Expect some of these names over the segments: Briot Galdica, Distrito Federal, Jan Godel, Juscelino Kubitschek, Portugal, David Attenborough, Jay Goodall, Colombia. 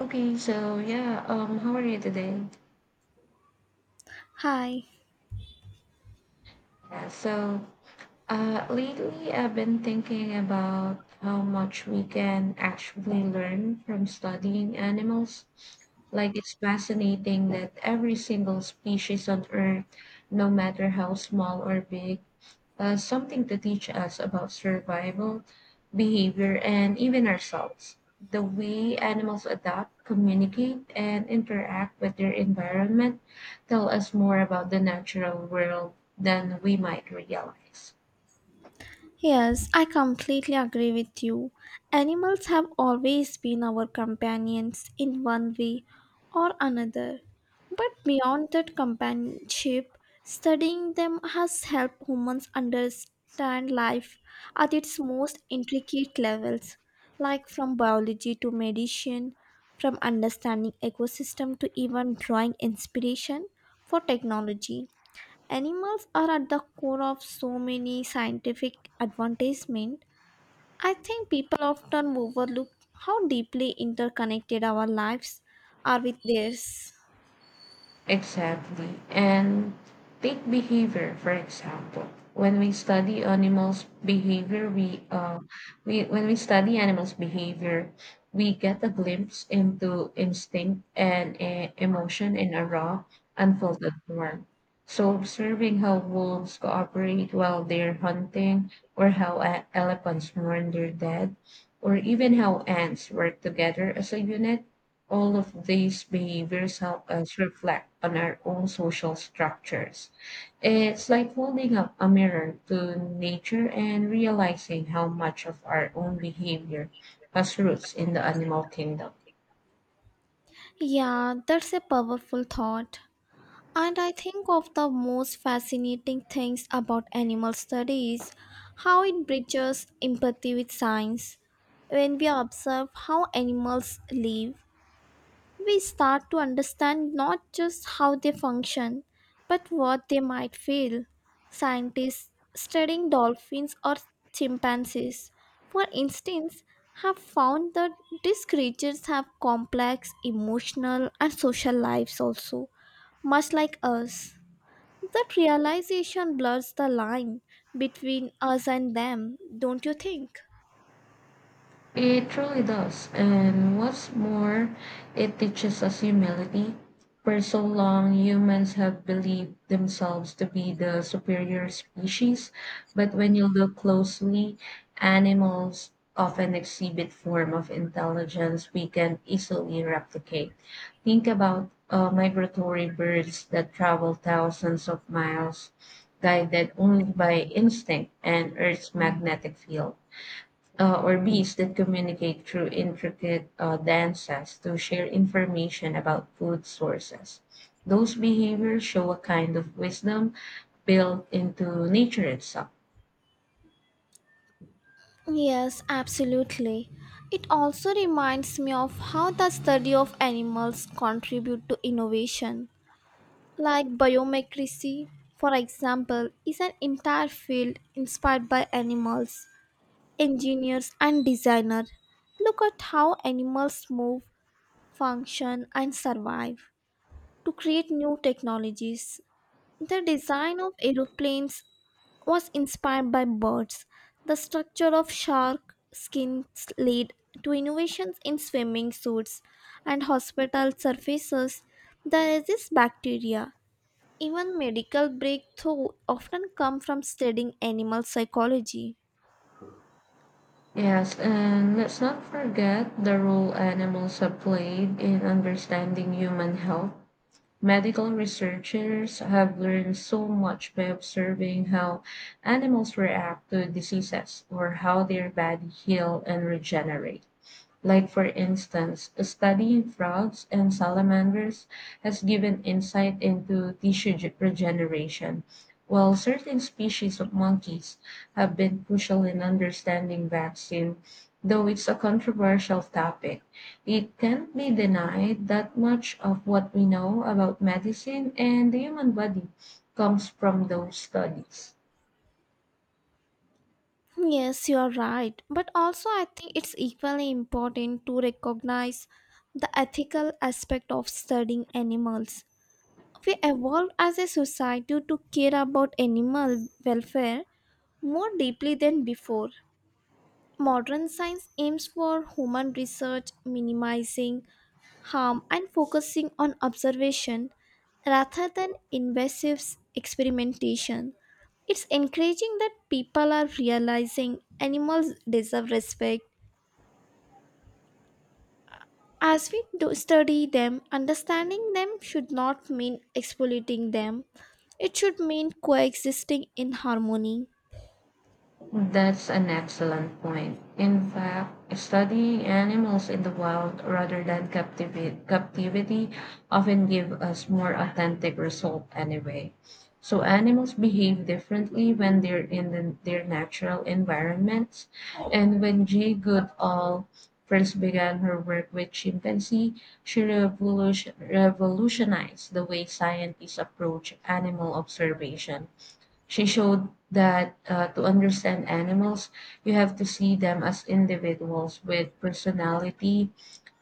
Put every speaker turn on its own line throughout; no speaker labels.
Okay, so yeah, how are you today?
Hi.
Yeah, so lately I've been thinking about how much we can actually learn from studying animals. Like it's fascinating that every single species on Earth, no matter how small or big, something to teach us about survival, behavior, and even ourselves. The way animals adapt, communicate, and interact with their environment tell us more about the natural world than we might realize.
Yes, I completely agree with you. Animals have always been our companions in one way or another. But beyond that companionship, studying them has helped humans understand life at its most intricate levels, like from biology to medicine, from understanding ecosystem to even drawing inspiration for technology. Animals are at the core of so many scientific advancements. I think people often overlook how deeply interconnected our lives are with theirs.
Exactly. And take behavior, for example. When we study animals' behavior, we uh, when we study animals' behavior, we get a glimpse into instinct and emotion in a raw, unfiltered form. So observing how wolves cooperate while they're hunting, or how elephants mourn their dead, or even how ants work together as a unit, all of these behaviors help us reflect on our own social structures. It's like holding up a mirror to nature and realizing how much of our own behavior has roots in the animal kingdom.
Yeah, that's a powerful thought. And I think of the most fascinating things about animal studies how it bridges empathy with science. When we observe how animals live, we start to understand not just how they function, but what they might feel. Scientists studying dolphins or chimpanzees, for instance, have found that these creatures have complex emotional and social lives also, much like us. That realization blurs the line between us and them, don't you think?
It truly does. And what's more, it teaches us humility. For so long, humans have believed themselves to be the superior species, but when you look closely, animals often exhibit form of intelligence we can easily replicate. Think about migratory birds that travel thousands of miles, guided only by instinct and Earth's magnetic field, or bees that communicate through intricate dances to share information about food sources. Those behaviors show a kind of wisdom built into nature itself.
Yes, absolutely. It also reminds me of how the study of animals contribute to innovation. Like biomimicry, for example, is an entire field inspired by animals, engineers and designers. Look at how animals move, function and survive to create new technologies. The design of aeroplanes was inspired by birds. The structure of shark skins led to innovations in swimming suits and hospital surfaces that resist bacteria. Even medical breakthrough often come from studying animal psychology.
Yes, and let's not forget the role animals have played in understanding human health. Medical researchers have learned so much by observing how animals react to diseases or how their body heal and regenerate. Like, for instance, studying frogs and salamanders has given insight into tissue regeneration, while certain species of monkeys have been crucial in understanding vaccine. Though it's a controversial topic, it can't be denied that much of what we know about medicine and the human body comes from those studies.
Yes, you are right. But also, I think it's equally important to recognize the ethical aspect of studying animals. We evolved as a society to care about animal welfare more deeply than before. Modern science aims for human research, minimizing harm, and focusing on observation rather than invasive experimentation. It's encouraging that people are realizing animals deserve respect. As we do study them, understanding them should not mean exploiting them. It should mean coexisting in harmony.
That's an excellent point. In fact, studying animals in the wild rather than captivity often give us more authentic result anyway. So animals behave differently when they're in their natural environments. And when Jay Goodall first began her work with chimpanzee, she revolutionized the way scientists approach animal observation. She showed that to understand animals, you have to see them as individuals with personality,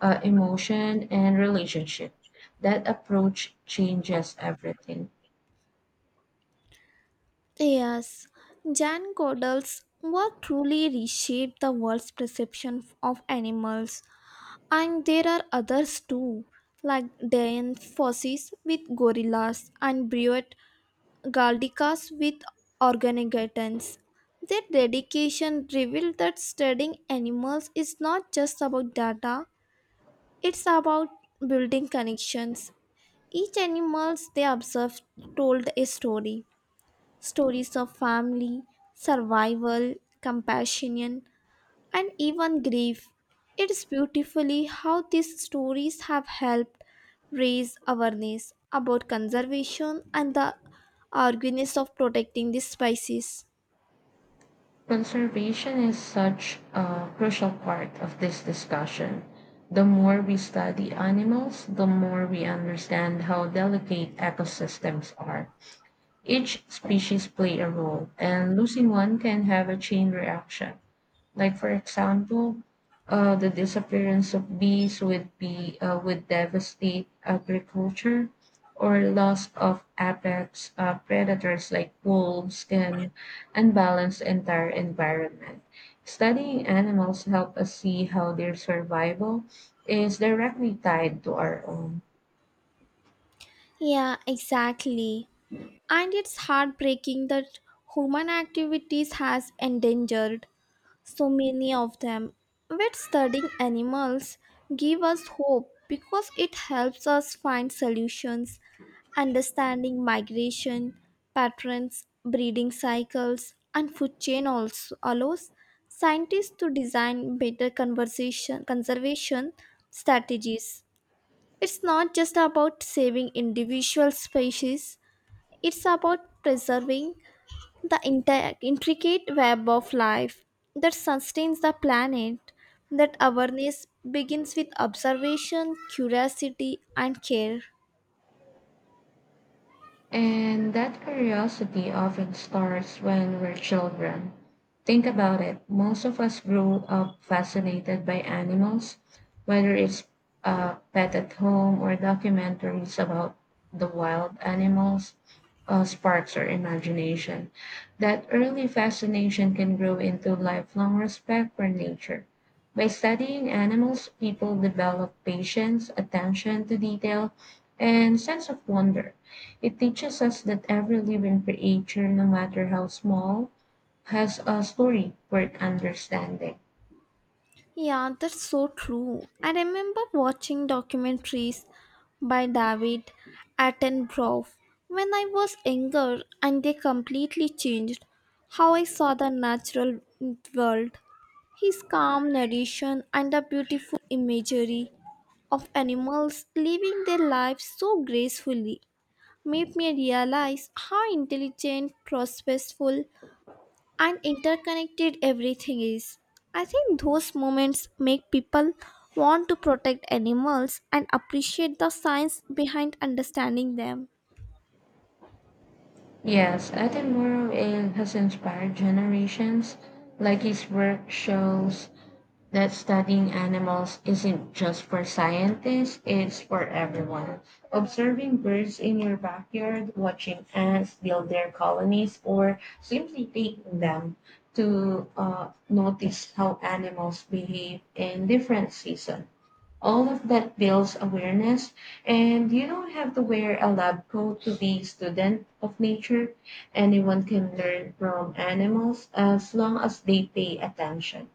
emotion, and relationship. That approach changes everything.
Yes, Jan Godel's work truly reshaped the world's perception of animals, and there are others too, like Diane Fossey's with gorillas and Briot Galdica's with organogatans. Their dedication revealed that studying animals is not just about data. It's about building connections. Each animals they observed told a story. Stories of family, survival, compassion, and even grief. It's beautifully how these stories have helped raise awareness about conservation and the urgency of protecting these species.
Conservation is such a crucial part of this discussion. The more we study animals, the more we understand how delicate ecosystems are. Each species play a role, and losing one can have a chain reaction. Like for example, the disappearance of bees would be would devastate agriculture, or loss of apex predators like wolves can unbalance the entire environment. Studying animals help us see how their survival is directly tied to our own.
Yeah, exactly. And it's heartbreaking that human activities has endangered so many of them. But studying animals give us hope because it helps us find solutions, understanding migration patterns, breeding cycles, and food chain also allows scientists to design better conversation conservation strategies. It's not just about saving individual species, it's about preserving the intricate web of life that sustains the planet. That awareness begins with observation, curiosity, and care.
And that curiosity often starts when we're children. Think about it. Most of us grew up fascinated by animals, whether it's a pet at home or documentaries about the wild animals, sparks our imagination. That early fascination can grow into lifelong respect for nature. By studying animals, people develop patience, attention to detail, and sense of wonder. It teaches us that every living creature, no matter how small, has a story worth understanding.
Yeah, that's so true. I remember watching documentaries by David Attenborough when I was younger, and they completely changed how I saw the natural world. His calm narration and the beautiful imagery of animals living their lives so gracefully made me realize how intelligent, purposeful, and interconnected everything is. I think those moments make people want to protect animals and appreciate the science behind understanding them.
Yes, Aten Morrowind has inspired generations. Like his work shows that studying animals isn't just for scientists, it's for everyone. Observing birds in your backyard, watching ants build their colonies, or simply taking them to notice how animals behave in different seasons, all of that builds awareness. And you don't have to wear a lab coat to be a student of nature. Anyone can learn from animals as long as they pay attention.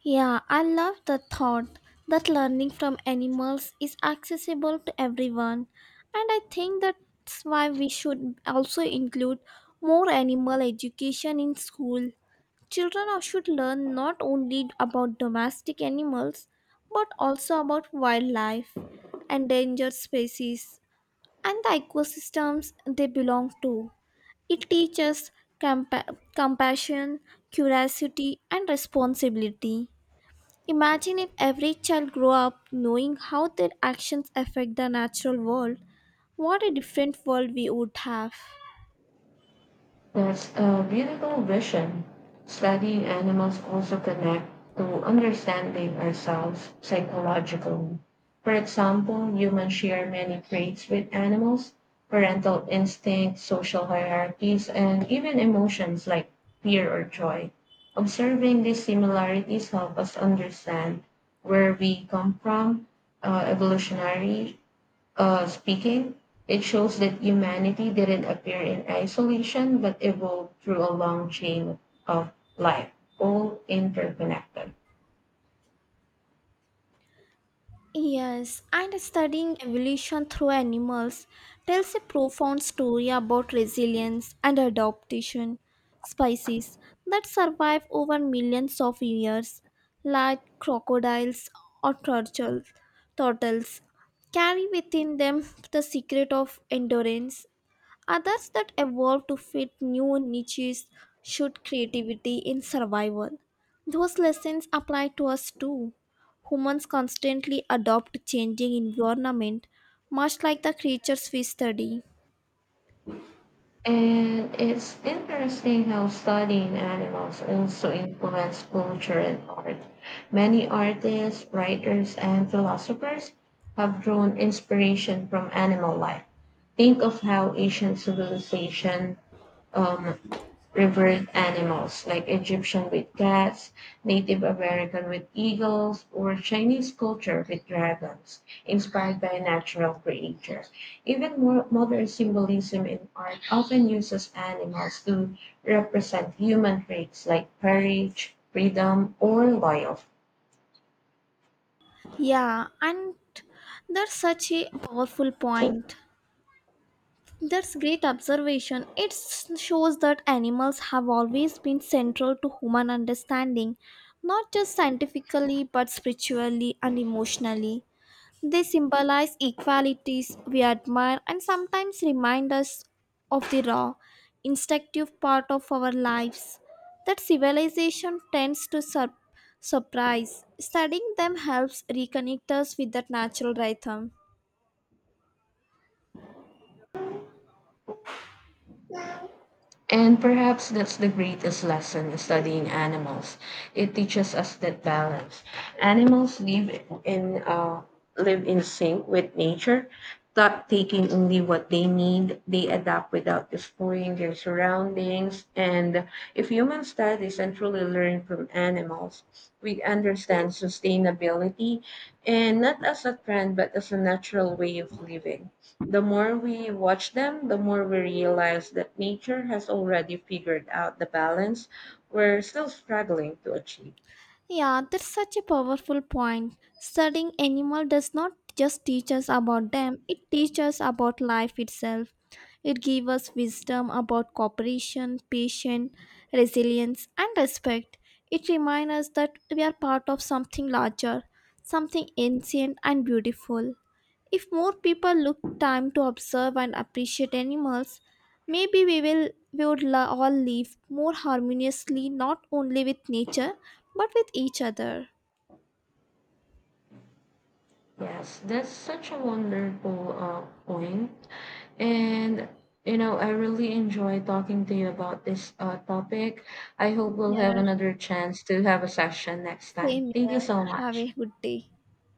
Yeah, I love the thought that learning from animals is accessible to everyone, and I think that's why we should also include more animal education in school. Children are- should learn not only about domestic animals but also about wildlife, endangered species, and the ecosystems they belong to. It teaches compa- compassion, curiosity, and responsibility. Imagine if every child grew up knowing how their actions affect the natural world. What a different world we would have.
That's a beautiful vision. Studying animals also connect to understanding ourselves psychologically. For example, humans share many traits with animals, parental instincts, social hierarchies, and even emotions like fear or joy. Observing these similarities help us understand where we come from, evolutionary speaking. It shows that humanity didn't appear in isolation but evolved through a long chain of life, all interconnected.
Yes, and studying evolution through animals tells a profound story about resilience and adaptation. Species that survive over millions of years, like crocodiles or turtles, turtles, carry within them the secret of endurance. Others that evolve to fit new niches should creativity in survival. Those lessons apply to us too. Humans constantly adopt to changing environment, much like the creatures we study.
And it's interesting how studying animals also influenced culture and art. Many artists, writers, and philosophers have drawn inspiration from animal life. Think of how ancient civilization um, revered animals like Egyptian with cats, Native American with eagles, or Chinese culture with dragons, inspired by a natural creature. Even more modern symbolism in art often uses animals to represent human traits like courage, freedom, or loyalty.
Yeah, and that's such a powerful point. That's great observation. Shows that animals have always been central to human understanding, not just scientifically but spiritually and emotionally. They symbolize equalities we admire and sometimes remind us of the raw, instinctive part of our lives that civilization tends to surprise. Studying them helps reconnect us with that natural rhythm.
And perhaps that's the greatest lesson in studying animals. It teaches us that balance. Animals live in Live in sync with nature, not taking only what they need. They adapt without destroying their surroundings. And if human studies and truly learn from animals, we understand sustainability and not as a trend but as a natural way of living. The more we watch them, the more we realize that nature has already figured out the balance we're still struggling to achieve.
Yeah, that's such a powerful point. Studying animal does not just teach us about them, it teaches us about life itself. It gives us wisdom about cooperation, patience, resilience, and respect. It reminds us that we are part of something larger, something ancient and beautiful. If more people look time to observe and appreciate animals, maybe we would all live more harmoniously, not only with nature but with each other.
Yes, that's such a wonderful point. And you know, I really enjoy talking to you about this topic. I hope we'll have
Yeah,
another chance to have a session next
same
time. Thank you
here.
so
Have a
much.
good day.